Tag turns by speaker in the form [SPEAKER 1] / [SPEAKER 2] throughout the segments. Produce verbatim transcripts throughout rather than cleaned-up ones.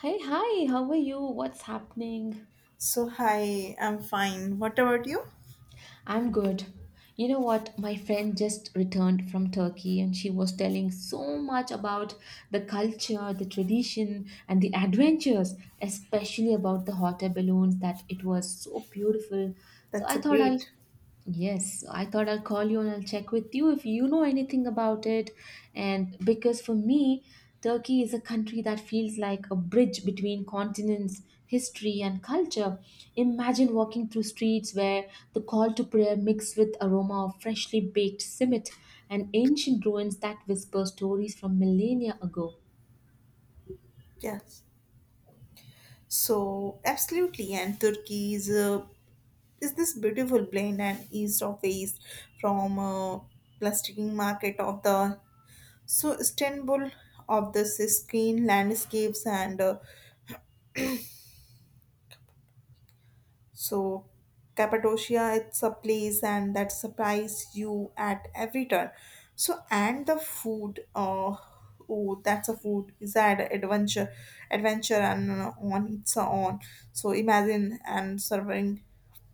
[SPEAKER 1] Hey, hi, how are you? What's happening?
[SPEAKER 2] So, hi, I'm fine. What about you?
[SPEAKER 1] I'm good. You know what? My friend just returned from Turkey and she was telling so much about the culture, the tradition, and the adventures, especially about the hot air balloons, that it was so beautiful. So
[SPEAKER 2] That's
[SPEAKER 1] I
[SPEAKER 2] a
[SPEAKER 1] thought I'll
[SPEAKER 2] great.
[SPEAKER 1] Yes, I thought I'll call you and I'll check with you if you know anything about it. And because for me, Turkey is a country that feels like a bridge between continents, history, and culture. Imagine walking through streets where the call to prayer mixed with aroma of freshly baked simit and ancient ruins that whisper stories from millennia ago.
[SPEAKER 2] Yes. So, absolutely. And Turkey is, uh, is this beautiful blend and east of the east from uh, plasticking market of the so Istanbul of the pristine landscapes and uh, so, Cappadocia, it's a place and that surprise you at every turn. So, and the food, uh, oh, that's a food is that adventure, adventure and uh, on its own. So, imagine and serving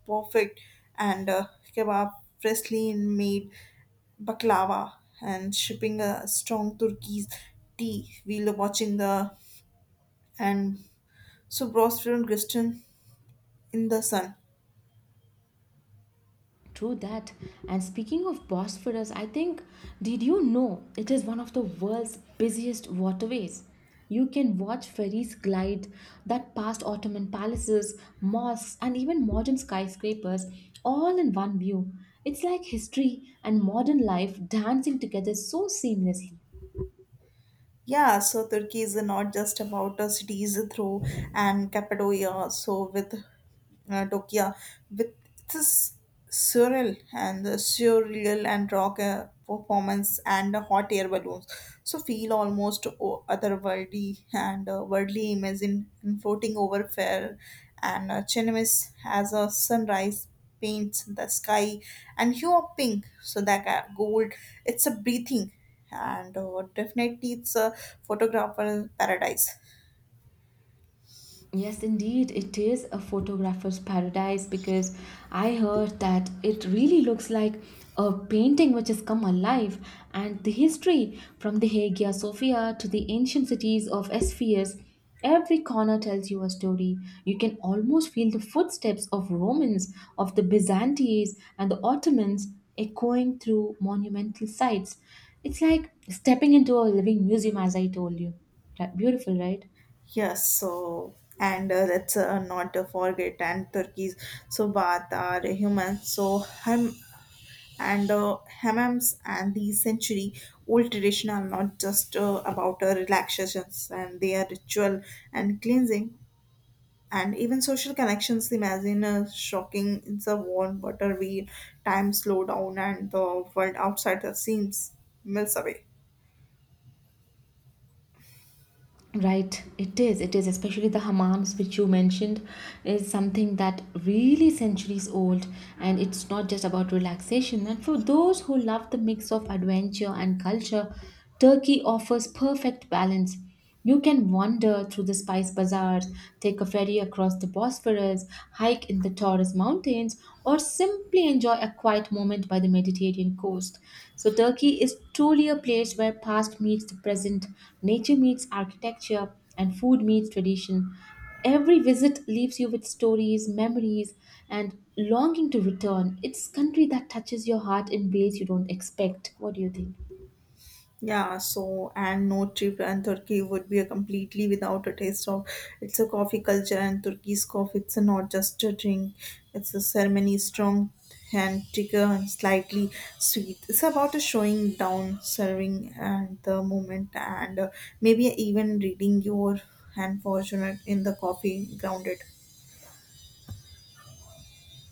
[SPEAKER 2] perfect and uh, kebab freshly made baklava and shipping a strong Turkish tea. We'll watching the and so Bros and Christian in the sun.
[SPEAKER 1] True that. And speaking of Bosphorus, I think, did you know it is one of the world's busiest waterways? You can watch ferries glide that past Ottoman palaces, mosques, and even modern skyscrapers all in one view. It's like history and modern life dancing together so seamlessly.
[SPEAKER 2] Yeah, so Turkey is not just about uh, cities through and Cappadocia. So with uh, Tokyo, with this surreal and surreal and rock uh, performance and the hot air balloons. So feel almost o- otherworldly and uh, worldly image in, in floating over fair and uh, Chinamis as a sunrise paints the sky and hue of pink. So that uh, gold, it's a breathing and uh, definitely it's a photographer paradise.
[SPEAKER 1] Yes, indeed, it is a photographer's paradise because I heard that it really looks like a painting which has come alive, and the history from the Hagia Sophia to the ancient cities of Ephesus, every corner tells you a story. You can almost feel the footsteps of Romans, of the Byzantines, and the Ottomans echoing through monumental sites. It's like stepping into a living museum, as I told you. Right- Beautiful, right?
[SPEAKER 2] Yes, so and uh, let's uh, not uh, forget and turkeys. So bath are human. So hum and uh, hammams and the century old tradition are not just uh, about uh, relaxations and they are ritual and cleansing and even social connections. Imagine uh, shocking in the warm water wheel, time slow down and the world outside the seams melts away.
[SPEAKER 1] Right, it is. It is, especially the hammams which you mentioned, is something that really centuries old, and it's not just about relaxation. And for those who love the mix of adventure and culture, Turkey offers perfect balance. You can wander through the spice bazaars, take a ferry across the Bosphorus, hike in the Taurus Anda's mountains, or simply enjoy a quiet moment by the Mediterranean coast. So, Turkey is truly a place where past meets the present, nature meets architecture, and food meets tradition. Every visit leaves you with stories, memories, and longing to return. It's a country that touches your heart in ways you don't expect. What do you think?
[SPEAKER 2] Yeah, so and no trip and Turkey would be a completely without a taste of it's a coffee culture and Turkey's coffee it's a not just a drink, it's a ceremony strong and thicker and slightly sweet. It's about a showing down, serving and the moment and uh, maybe even reading your unfortunate in the coffee grounded.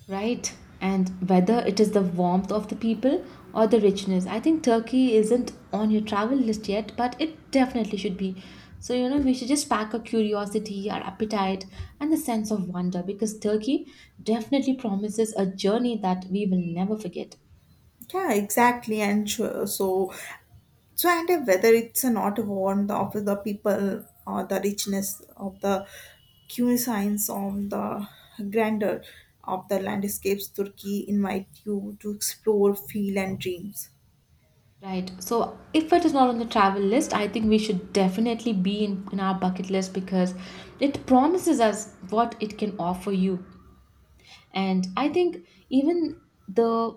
[SPEAKER 1] Right. And whether it is the warmth of the people or the richness, I think Turkey isn't on your travel list yet, but it definitely should be. So, you know, we should just pack our curiosity, our appetite, and the sense of wonder because Turkey definitely promises a journey that we will never forget.
[SPEAKER 2] Yeah, exactly, and sure, so So, and uh, whether it's uh, not want of the people or the richness of the cuisines of the grandeur of the landscapes, Turkey invite you to explore, feel, and dreams.
[SPEAKER 1] Right. So if it is not on the travel list, I think we should definitely be in, in our bucket list because it promises us what it can offer you. And I think even the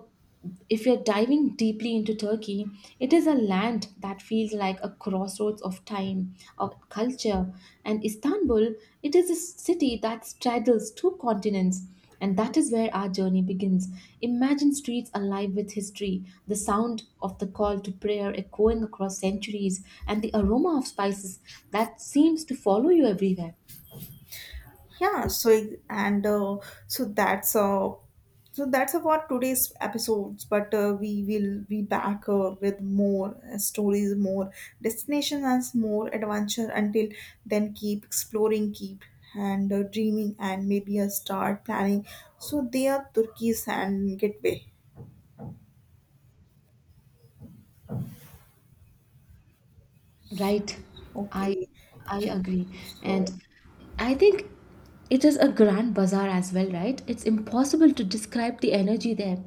[SPEAKER 1] if you're diving deeply into Turkey, it is a land that feels like a crossroads of time, of culture. And Istanbul, it is a city that straddles two continents, and that is where our journey begins. Imagine streets alive with history, the sound of the call to prayer echoing across centuries, and the aroma of spices that seems to follow you everywhere.
[SPEAKER 2] Yeah, so it- and uh, so that's uh so that's about today's episodes, but uh, we will be back uh, with more uh, stories, more destinations and more adventure until then. Keep exploring, keep and uh, dreaming, and maybe uh, start planning so they are turkey's and gateway.
[SPEAKER 1] Right. I
[SPEAKER 2] Okay,
[SPEAKER 1] I agree. And
[SPEAKER 2] so
[SPEAKER 1] I think it is a grand bazaar as well, right? It's impossible to describe the energy there.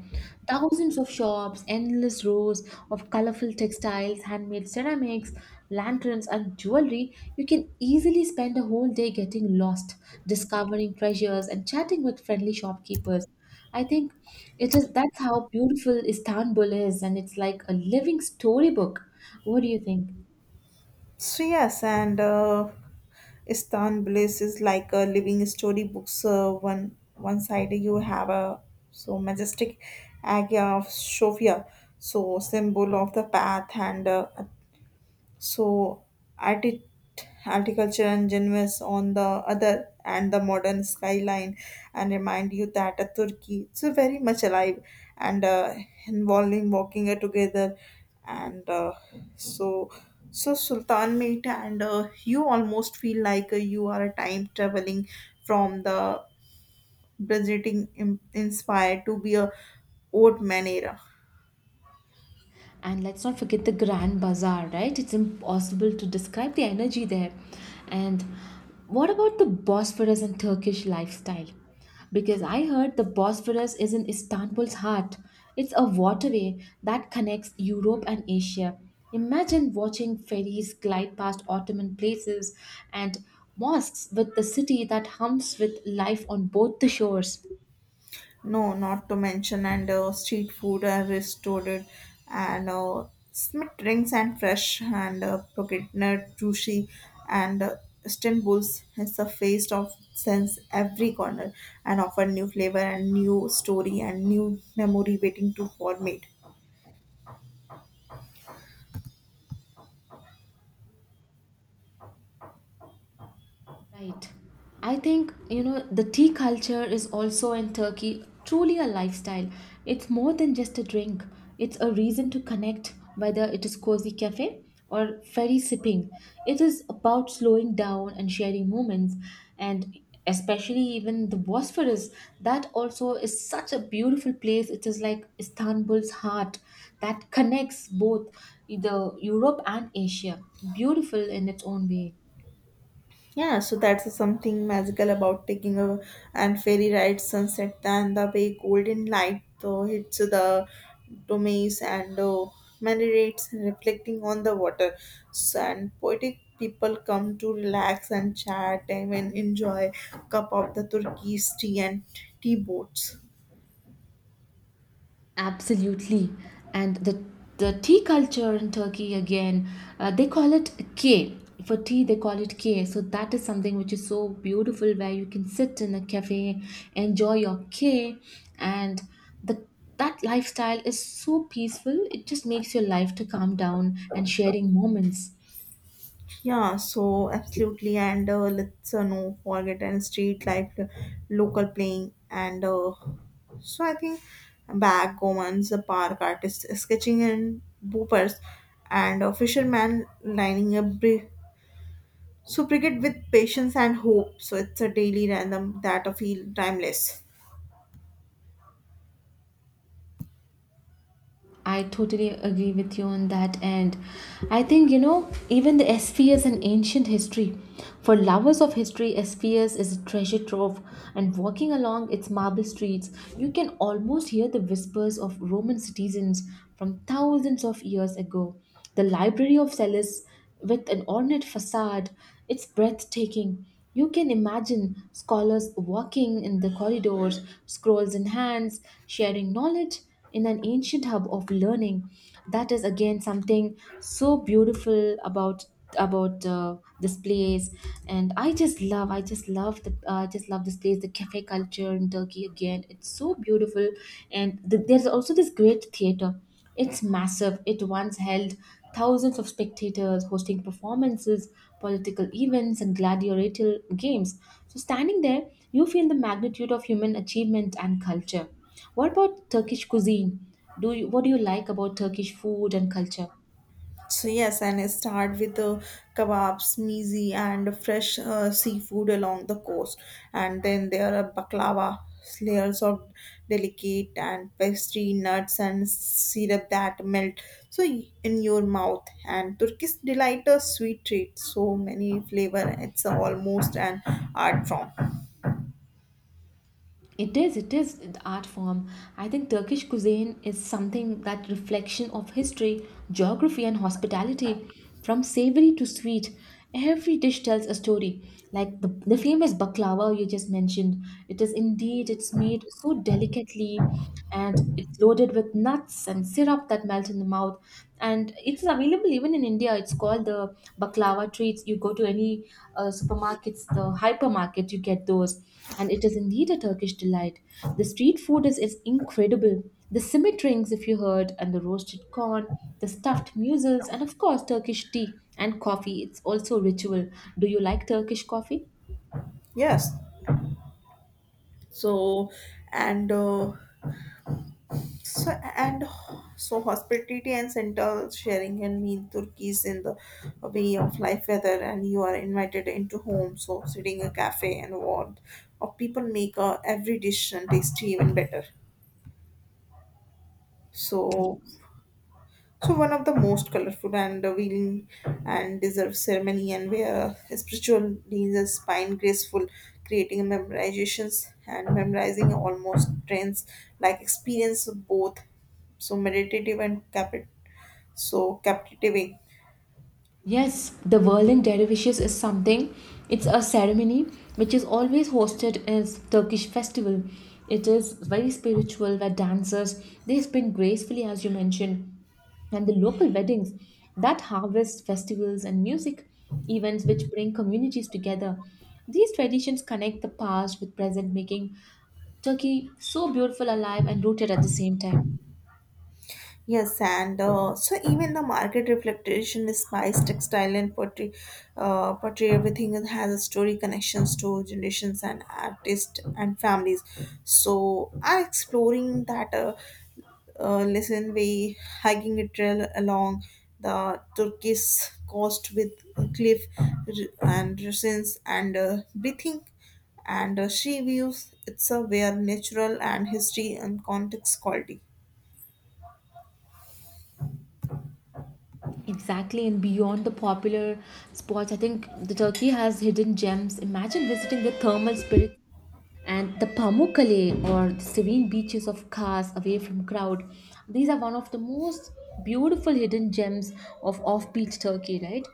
[SPEAKER 1] Thousands of shops, endless rows of colorful textiles, handmade ceramics, lanterns, and jewelry. You can easily spend a whole day getting lost, discovering treasures, and chatting with friendly shopkeepers. I think it is that's how beautiful Istanbul is, and it's like a living storybook. What do you think?
[SPEAKER 2] so yes, and uh, Istanbul is, is like a living storybook. So one one side you have a so majestic Hagia of Sophia, so symbol of the path, and uh, so, arti- articulture and genres on the other, and the modern skyline, and remind you that uh, Turkey is very much alive and uh, involving walking uh, together, and uh, so so Sultan Mate, and uh, you almost feel like uh, you are a time traveling from the Byzantine im- inspired to be a old man era.
[SPEAKER 1] And let's not forget the Grand Bazaar, right? It's impossible to describe the energy there. And what about the Bosphorus and Turkish lifestyle? Because I heard the Bosphorus is in Istanbul's heart. It's a waterway that connects Europe and Asia. Imagine watching ferries glide past Ottoman places and mosques with the city that hums with life on both the shores.
[SPEAKER 2] No, not to mention, and uh, street food are restored, and uh, smith drinks and fresh, and uh, Pockettner, Jushi, and uh, Istanbul's has a face of sense every corner and offer new flavor and new story and new memory waiting to formate.
[SPEAKER 1] Right. I think, you know, the tea culture is also in Turkey truly a lifestyle. It's more than just a drink, it's a reason to connect, whether it is cozy cafe or ferry sipping. It is about slowing down and sharing moments, and especially even the Bosphorus. That also is such a beautiful place. It is like Istanbul's heart that connects both the Europe and Asia. Beautiful in its own way.
[SPEAKER 2] Yeah, so that's something magical about taking a and ferry ride sunset and the way golden light uh, hits the domes and uh, marinates reflecting on the water. So, and poetic people come to relax and chat and even enjoy cup of the Turkish tea and tea boats.
[SPEAKER 1] Absolutely. And the the tea culture in Turkey again, uh, they call it K. For tea, they call it K. So that is something which is so beautiful where you can sit in a cafe, enjoy your K, and the that lifestyle is so peaceful. It just makes your life to calm down and sharing moments.
[SPEAKER 2] Yeah, so absolutely, and uh, let's uh, no forget and street life, uh, local playing, and uh, so I think backgammons, the park artists sketching and boopers, and a fisherman lining a bri- so brigade with patience and hope. So it's a daily random that I feel timeless.
[SPEAKER 1] I totally agree with you on that. And I think, you know, even the spheres and ancient history. For lovers of history, spheres is a treasure trove. And walking along its marble streets, you can almost hear the whispers of Roman citizens from thousands of years ago. The Library of Celis with an ornate facade. It's breathtaking. You can imagine scholars walking in the corridors, scrolls in hands, sharing knowledge in an ancient hub of learning. That is again something so beautiful about about uh, this place, and i just love i just love the uh, I just love this place, the cafe culture in Turkey again, it's so beautiful. And th- there's also this great theater. It's massive. It once held thousands of spectators hosting performances, political events, and gladiatorial games. So, standing there, you feel the magnitude of human achievement and culture. What about Turkish cuisine? Do you, what do you like about Turkish food and culture?
[SPEAKER 2] So yes, and I start with the kebabs, mizi, and fresh uh, seafood along the coast, and then there are baklava, layers of delicate and pastry, nuts, and syrup that melt so in your mouth. And Turkish delight a sweet treat, so many flavor. It's almost an art form.
[SPEAKER 1] It is, it is the art form. I think Turkish cuisine is something that reflection of history, geography, and hospitality. From savory to sweet, every dish tells a story. Like the, the famous baklava you just mentioned, it is indeed it's made so delicately, and it's loaded with nuts and syrup that melt in the mouth, and it's available even in India. It's called the baklava treats. You go to any uh, supermarkets, the hypermarket, you get those, and it is indeed a Turkish delight. The street food is, is incredible, the simit rings if you heard, and the roasted corn, the stuffed mussels, and of course Turkish tea and coffee. It's also a ritual. Do you like Turkish coffee?
[SPEAKER 2] Yes. So, and uh, So, and so hospitality and central sharing can mean turkeys in the way of life whether and you are invited into home so sitting a cafe and what or people make uh, every dish and tasty even better so so one of the most colorful and revealing and deserved ceremony and where spiritual leads a spine graceful creating memorizations and memorizing almost trends like experience of both so meditative and capit so captivating.
[SPEAKER 1] Yes, the Whirling Dervishes is something. It's a ceremony which is always hosted as Turkish festival. It is very spiritual where dancers they spin gracefully as you mentioned. And the local weddings, that harvest festivals and music events which bring communities together. These traditions connect the past with present making Turkey so beautiful alive and rooted at the same time.
[SPEAKER 2] Yes and uh, so even the market reflection is spice textile and pottery uh, pottery everything it has a story connections to generations and artists and families so I'm exploring that uh, uh, listen we hiking a trail along the turkish coast with cliff r- and ruins and uh, breathing and uh, she views it's a where natural and history and context quality.
[SPEAKER 1] Exactly, and beyond the popular spots, I think the Turkey has hidden gems. Imagine visiting the thermal spirits and the Pamukkale or the serene beaches of Kars away from crowd. These are one of the most beautiful hidden gems of off-beat Turkey, right?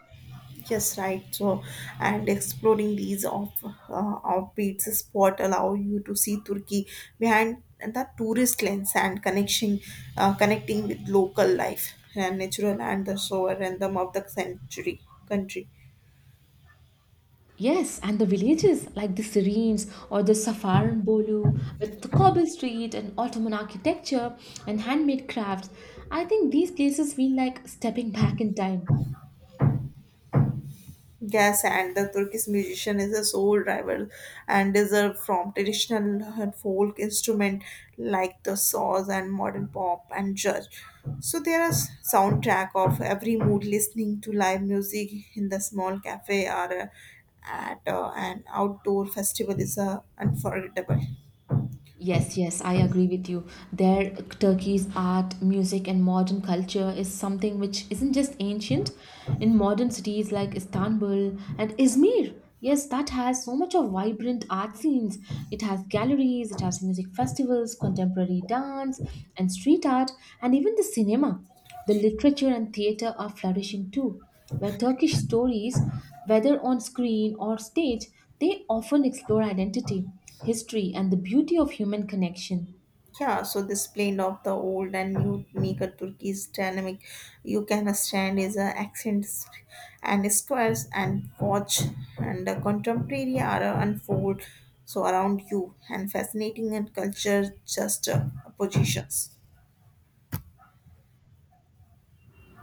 [SPEAKER 2] Yes, right. So, and exploring these off uh, offbeat spot allow you to see Turkey behind the tourist lens and connection, uh, connecting with local life and natural and the sovereign rhythm of the century country.
[SPEAKER 1] Yes, and the villages like the Syrenes or the Safaran with the cobble street and Ottoman architecture and handmade crafts. I think these places feel like stepping back in time.
[SPEAKER 2] Yes, and the Turkish musician is a soul driver and is a from traditional and folk instrument like the saws and modern pop and jazz. So there is soundtrack of every mood listening to live music in the small cafe or uh, at uh, an outdoor festival is uh, unforgettable.
[SPEAKER 1] Yes, yes, I agree with you. There, Turkey's art, music, and modern culture is something which isn't just ancient. In modern cities like Istanbul and Izmir, yes, that has so much of vibrant art scenes. It has galleries, it has music festivals, contemporary dance, and street art, and even the cinema. The literature and theater are flourishing too, where Turkish stories, whether on screen or stage, they often explore identity, history, and the beauty of human connection.
[SPEAKER 2] Yeah, so this blend of the old and new make a Turkish dynamic. You can stand is a accents and squares and watch and the contemporary are uh, unfold so around you and fascinating and culture just uh, positions.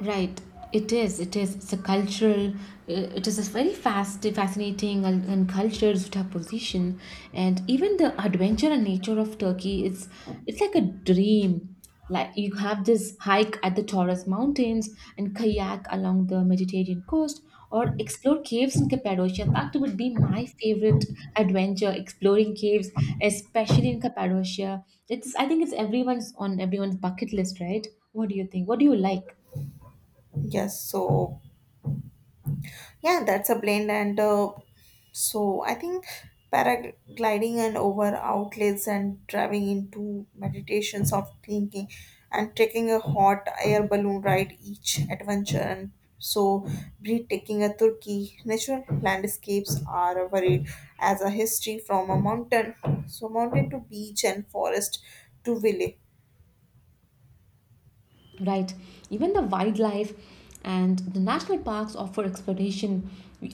[SPEAKER 1] Right. It is. It is. It's a cultural. Uh, It is a very fast, fascinating, and, and cultured juxtaposition. And even the adventure and nature of Turkey, it's it's like a dream. Like you have this hike at the Taurus Mountains and kayak along the Mediterranean coast, or explore caves in Cappadocia. That would be my favorite adventure. Exploring caves, especially in Cappadocia. It's. I think it's everyone's on everyone's bucket list, right? What do you think? What do you like?
[SPEAKER 2] Yes, so yeah, that's a blend. And uh, so I think paragliding and over outlets and driving into meditations of thinking and taking a hot air balloon ride each adventure and so breathtaking a Turkey. Natural landscapes are varied as a history from a mountain. So mountain to beach and forest to village.
[SPEAKER 1] Right. Even the wildlife and the national parks offer exploration.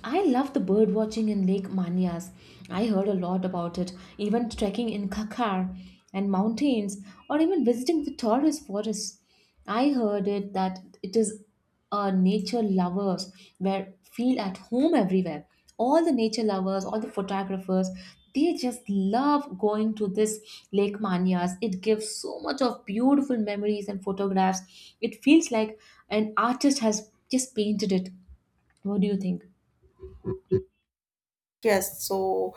[SPEAKER 1] I love the bird watching in Lake Manyas. I heard a lot about it. Even trekking in Kakar and mountains, or even visiting the Taurus forest. I heard it that it is uh, nature lovers where feel at home everywhere. All the nature lovers, all the photographers, they just love going to this Lake Manya's. It gives so much of beautiful memories and photographs. It feels like an artist has just painted it. What do you think?
[SPEAKER 2] Yes, so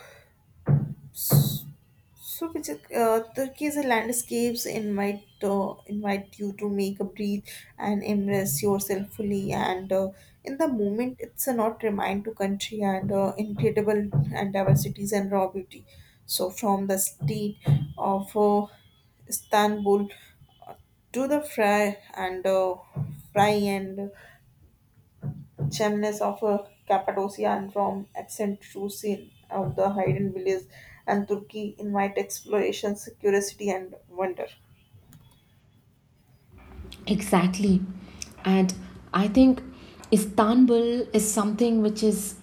[SPEAKER 2] So, Vijay, uh, Turkey's landscapes invite uh, invite you to make a breathe and immerse yourself fully, and uh, in the moment, it's a not remind to country and uh, incredible and diversities and raw beauty. So, from the state of uh, Istanbul to the fry and uh, fry and Chemnes of uh, Cappadocia and Rome, Excentrusine of the hidden villages, and Turkey invite explorations, curiosity, and wonder.
[SPEAKER 1] Exactly. And I think Istanbul is something which is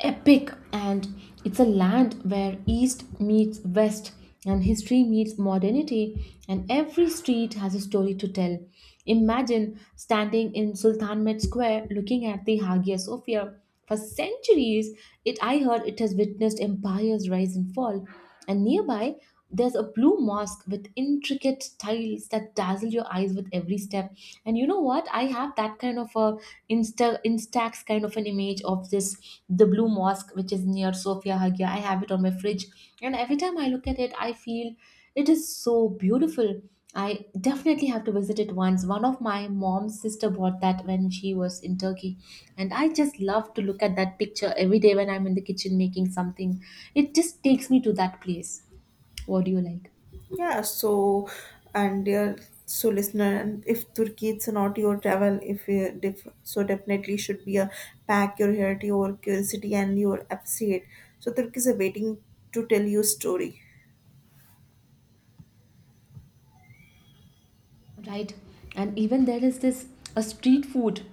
[SPEAKER 1] epic, and it's a land where East meets West and history meets modernity, and every street has a story to tell. Imagine standing in Sultanahmet Square looking at the Hagia Sophia. For centuries, it I heard it has witnessed empires rise and fall. And nearby, there's a blue mosque with intricate tiles that dazzle your eyes with every step. And you know what? I have that kind of a Insta Instax kind of an image of this the blue mosque which is near Sofia Hagia. I have it on my fridge, and every time I look at it, I feel it is so beautiful. I definitely have to visit it once. One of my mom's sister bought that when she was in Turkey, and I just love to look at that picture every day when I'm in the kitchen making something. It just takes me to that place. What do you like?
[SPEAKER 2] Yeah, so and dear so listener, and if Turkey it's not your travel, if you def, so definitely should be a pack your heritage or curiosity, and your appreciate. So Turkey is a waiting to tell you story.
[SPEAKER 1] Right. And even there is this a street food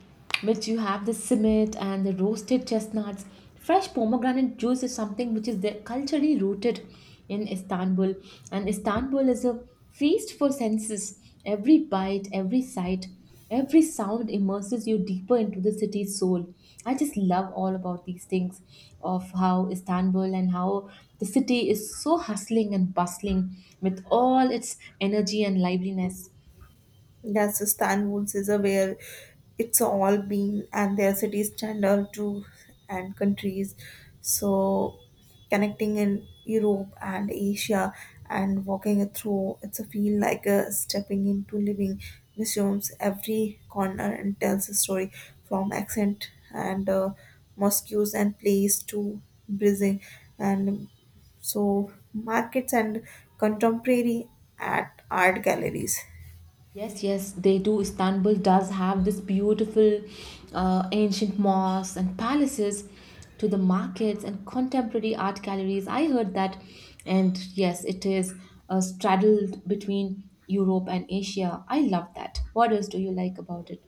[SPEAKER 1] which you have the simit and the roasted chestnuts. Fresh pomegranate juice is something which is there culturally rooted in Istanbul. And Istanbul is a feast for senses. Every bite, every sight, every sound immerses you deeper into the city's soul. I just love all about these things of how Istanbul and how the city is so hustling and bustling with all its energy and liveliness.
[SPEAKER 2] That's Istanbul's is a where it's all been and their cities standard to and countries. So connecting in Europe and Asia and walking it through, it's a feel like a stepping into living museums. Every corner and tells a story from accent and uh, mosques and place to Brazil and so markets and contemporary at art galleries.
[SPEAKER 1] Yes, yes, they do. Istanbul does have this beautiful uh, ancient mosques and palaces to the markets and contemporary art galleries. I heard that. And yes, it is uh, straddled between Europe and Asia. I love that. What else do you like about it?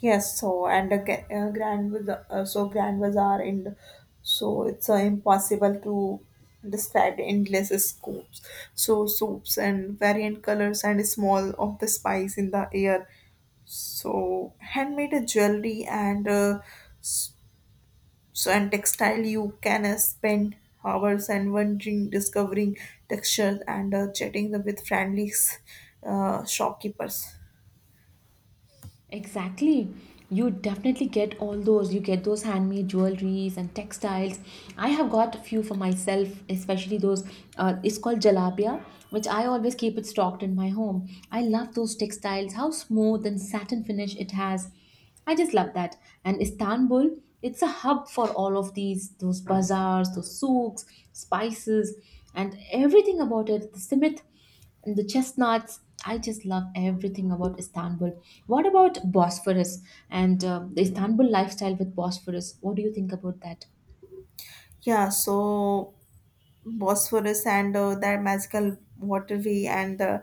[SPEAKER 2] Yes, so and the ca- uh, Grand Baza- uh, so Grand Bazaar and so it's uh, impossible to describe the endless scoops. So soups and variant colors and small of the spice in the air. So handmade jewelry and uh, s- so and textile you can uh, spend hours and wondering, discovering textures and uh, chatting with friendly uh, shopkeepers.
[SPEAKER 1] Exactly. You definitely get all those. You get those handmade jewelries and textiles. I have got a few for myself, especially those. Uh, it's called jalabia, which I always keep it stocked in my home. I love those textiles, how smooth and satin finish it has. I just love that. And Istanbul, it's a hub for all of these, those bazaars, those souks, spices, and everything about it. The simit. And the chestnuts, I just love everything about Istanbul. What about Bosphorus and uh, the Istanbul lifestyle with Bosphorus? What do you think about that?
[SPEAKER 2] Yeah, so Bosphorus and uh, that magical waterway and the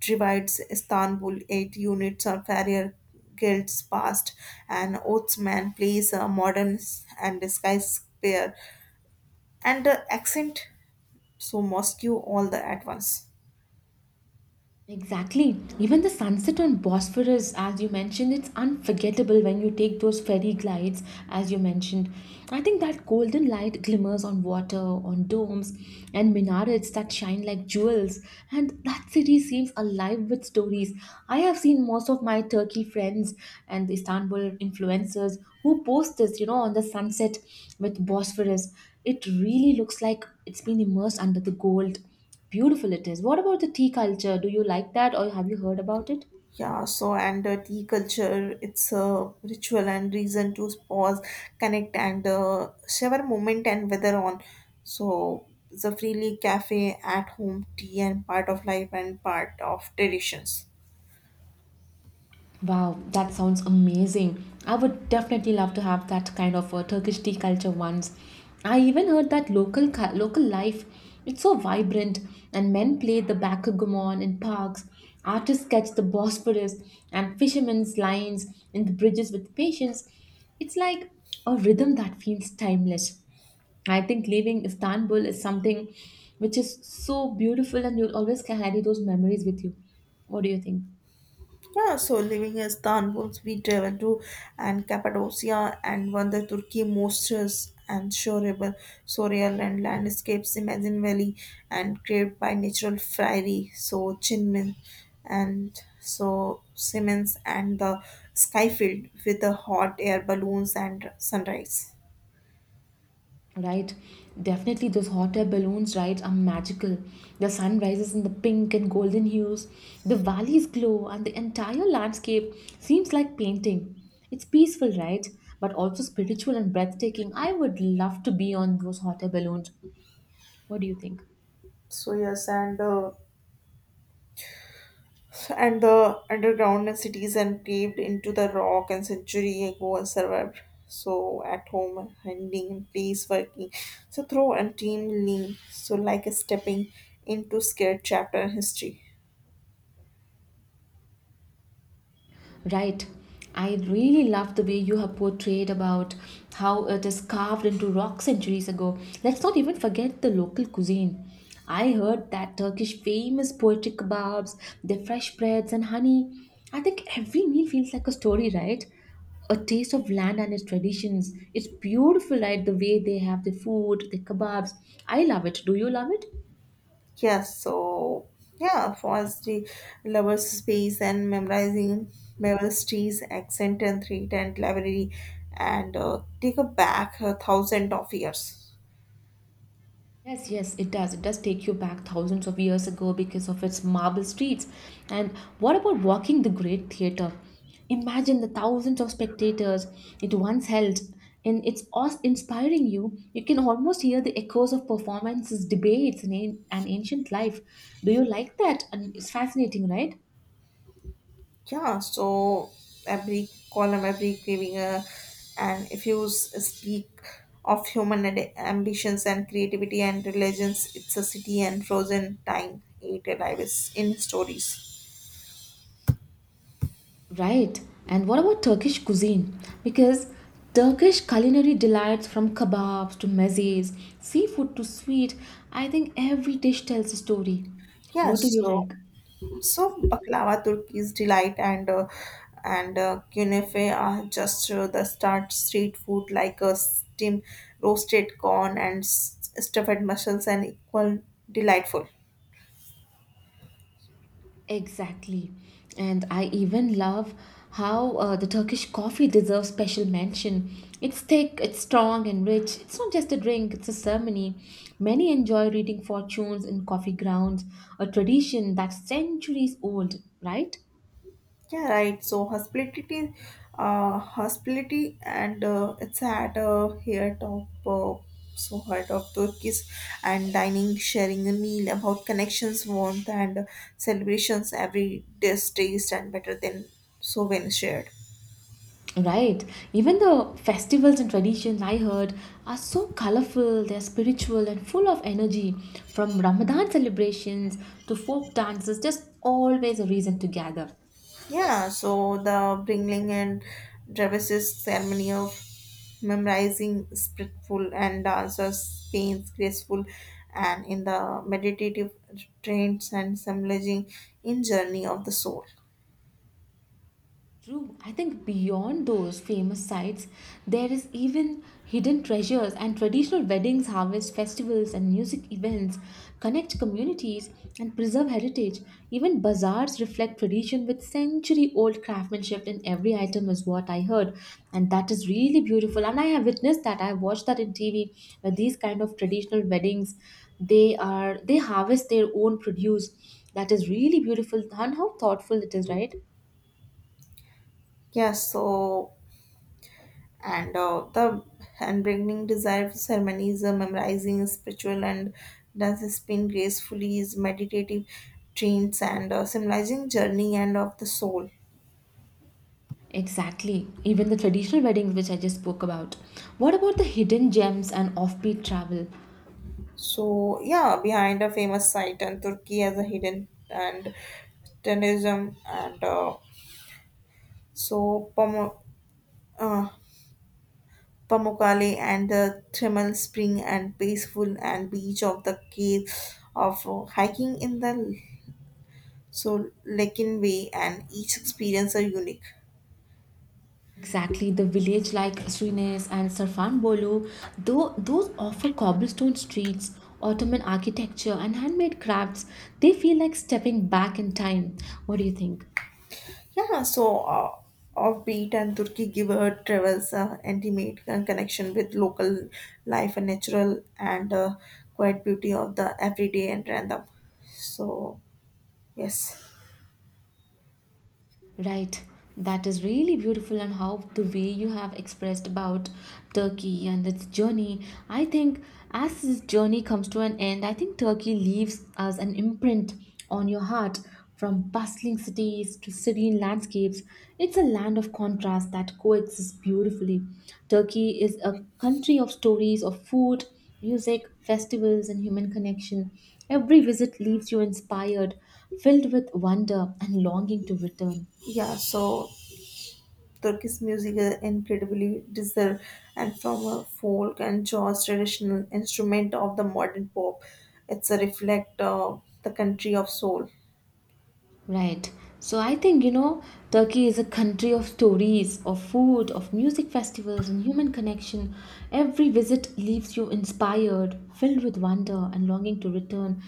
[SPEAKER 2] divides Istanbul. Eight units of farrier guilds passed, and Ottoman plays a modern and skyscraper and the accent. So Moscow all the at once.
[SPEAKER 1] Exactly. Even the sunset on Bosphorus, as you mentioned, it's unforgettable when you take those ferry glides, as you mentioned. I think that golden light glimmers on water, on domes, and minarets that shine like jewels. And that city seems alive with stories. I have seen most of my Turkey friends and the Istanbul influencers who post this, you know, on the sunset with Bosphorus. It really looks like it's been immersed under the gold. Beautiful it is. What about the tea culture? Do you like that or have you heard about it?
[SPEAKER 2] Yeah, so and uh, tea culture, it's a ritual and reason to pause, connect, and uh, share a moment and weather on. So, the freely cafe at home tea and part of life and part of traditions.
[SPEAKER 1] Wow, that sounds amazing. I would definitely love to have that kind of a Turkish tea culture once. I even heard that local cu- local life, it's so vibrant and men play the backgammon in parks, artists catch the Bosphorus and fishermen's lines in the bridges with patience. It's like a rhythm that feels timeless. I think leaving Istanbul is something which is so beautiful and you'll always carry those memories with you. What do you think?
[SPEAKER 2] Yeah, so living in Istanbul, we travel to and Cappadocia and one the Turkey most and shorable, surreal and landscapes, Imagine Valley and created by natural fairy, so Chinmin and so Siemens and the sky filled with the hot air balloons and sunrise.
[SPEAKER 1] Right? Definitely, those hot air balloons, right, are magical. The sun rises in the pink and golden hues, the valleys glow, and the entire landscape seems like painting. It's peaceful, right? But also spiritual and breathtaking. I would love to be on those hot air balloons. What do you think?
[SPEAKER 2] So yes, and uh, and the underground and cities and caved into the rock and century ago and survived. So at home, handling and place working. So through and team lean. So like a stepping into scared chapter in history.
[SPEAKER 1] Right. I really love the way you have portrayed about how it is carved into rock centuries ago. Let's not even forget the local cuisine. I heard that Turkish famous poetry kebabs, their fresh breads and honey, I think every meal feels like a story, right? A taste of land and its traditions. It's beautiful, right? The way they have the food, the kebabs, I love it. Do you love it?
[SPEAKER 2] Yeah, so yeah, for us the lovers space and memorizing Beverly streets accent and three tent library and uh, take a back a thousand of years.
[SPEAKER 1] Yes, yes, it does. It does take you back thousands of years ago because of its marble streets. And what about walking the Great Theatre? Imagine the thousands of spectators it once held. And it's awe inspiring you. You can almost hear the echoes of performances, debates, and, an- ancient life. Do you like that? And it's fascinating, right?
[SPEAKER 2] Yeah, so every column, every craving, uh, and if you s- speak of human ad- ambitions and creativity and religions, it's a city and frozen time ate alive is in stories.
[SPEAKER 1] Right. And what about Turkish cuisine? Because Turkish culinary delights from kebabs to mezes, seafood to sweet, I think every dish tells a story.
[SPEAKER 2] Yeah,
[SPEAKER 1] What do you
[SPEAKER 2] so
[SPEAKER 1] like?
[SPEAKER 2] so baklava, Turkey's delight, and uh, and uh, künefe are just uh, the start street food like a steam roasted corn and s- stuffed mussels and equal delightful.
[SPEAKER 1] Exactly. And I even love how uh, the Turkish coffee deserves special mention. It's thick, it's strong and rich. It's not just a drink, it's a ceremony. Many enjoy reading fortunes in coffee grounds, a tradition that's centuries old, right?
[SPEAKER 2] Yeah, right. So hospitality, uh, hospitality, and uh, it's at uh, here top, uh, so heart of Turkish and dining, sharing a meal about connections, warmth, and celebrations. Every dish taste and better than so when shared.
[SPEAKER 1] Right. Even the festivals and traditions I heard are so colorful, they're spiritual and full of energy. From Ramadan celebrations to folk dances, just always a reason to gather.
[SPEAKER 2] Yeah. So the bringing and Travis's ceremony of memorizing spritful and dancers pains graceful and in the meditative trains and symbolizing in journey of the soul.
[SPEAKER 1] True. I think beyond those famous sites, there is even hidden treasures and traditional weddings, harvest festivals, and music events connect communities and preserve heritage. Even bazaars reflect tradition with century old craftsmanship in every item, is what I heard. And that is really beautiful. And I have witnessed that. I have watched that in T V where these kind of traditional weddings they are they harvest their own produce. That is really beautiful and how thoughtful it is, right?
[SPEAKER 2] Yes so and uh, the and bringing desire for ceremonies uh, memorizing spiritual and does spin gracefully is meditative trains and uh, symbolizing journey and of the soul.
[SPEAKER 1] Exactly. Even the traditional weddings, which I just spoke about. What about the hidden gems and offbeat travel?
[SPEAKER 2] So yeah behind a famous site and turkey as a hidden and tourism and uh, So Pamo, uh, Pamukkale and the thermal spring and peaceful and beach of the cave of uh, hiking in the so Lekin way and each experience are unique.
[SPEAKER 1] Exactly. The village like Srines and Sarfan Bolu, though those offer cobblestone streets, Ottoman architecture, and handmade crafts, they feel like stepping back in time. What do you think?
[SPEAKER 2] Yeah, so uh, offbeat and Turkey give her travels uh, intimate con- connection with local life and natural and uh, quiet beauty of the everyday and random. So yes,
[SPEAKER 1] Right. That is really beautiful, and how the way you have expressed about Turkey and its journey. I think as this journey comes to an end, I think Turkey leaves us an imprint on your heart from bustling cities to serene landscapes. It's a land of contrast that coexists beautifully. Turkey is a country of stories of food, music, festivals, and human connection. Every visit leaves you inspired, filled with wonder and longing to return.
[SPEAKER 2] yeah. So Turkish music is incredibly deserved, and from a folk and jazz traditional instrument of the modern pop, it's a reflect of the country of soul.
[SPEAKER 1] Right. So I think, you know, Turkey is a country of stories, of food, of music festivals, and human connection. Every visit leaves you inspired, filled with wonder, and longing to return.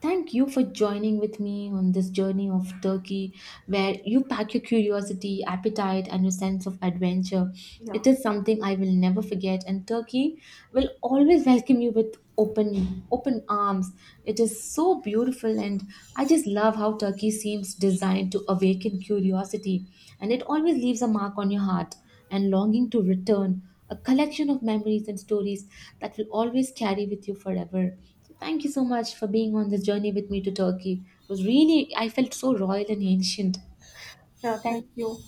[SPEAKER 1] Thank you for joining with me on this journey of Turkey, where you pack your curiosity, appetite, and your sense of adventure.
[SPEAKER 2] Yeah,
[SPEAKER 1] It is something I will never forget, and Turkey will always welcome you with open open arms. It is so beautiful, and I just love how Turkey seems designed to awaken curiosity, and it always leaves a mark on your heart and longing to return, a collection of memories and stories that will always carry with you forever. So thank you so much for being on this journey with me to Turkey. It was really, I felt so royal and ancient.
[SPEAKER 2] yeah. Thank you.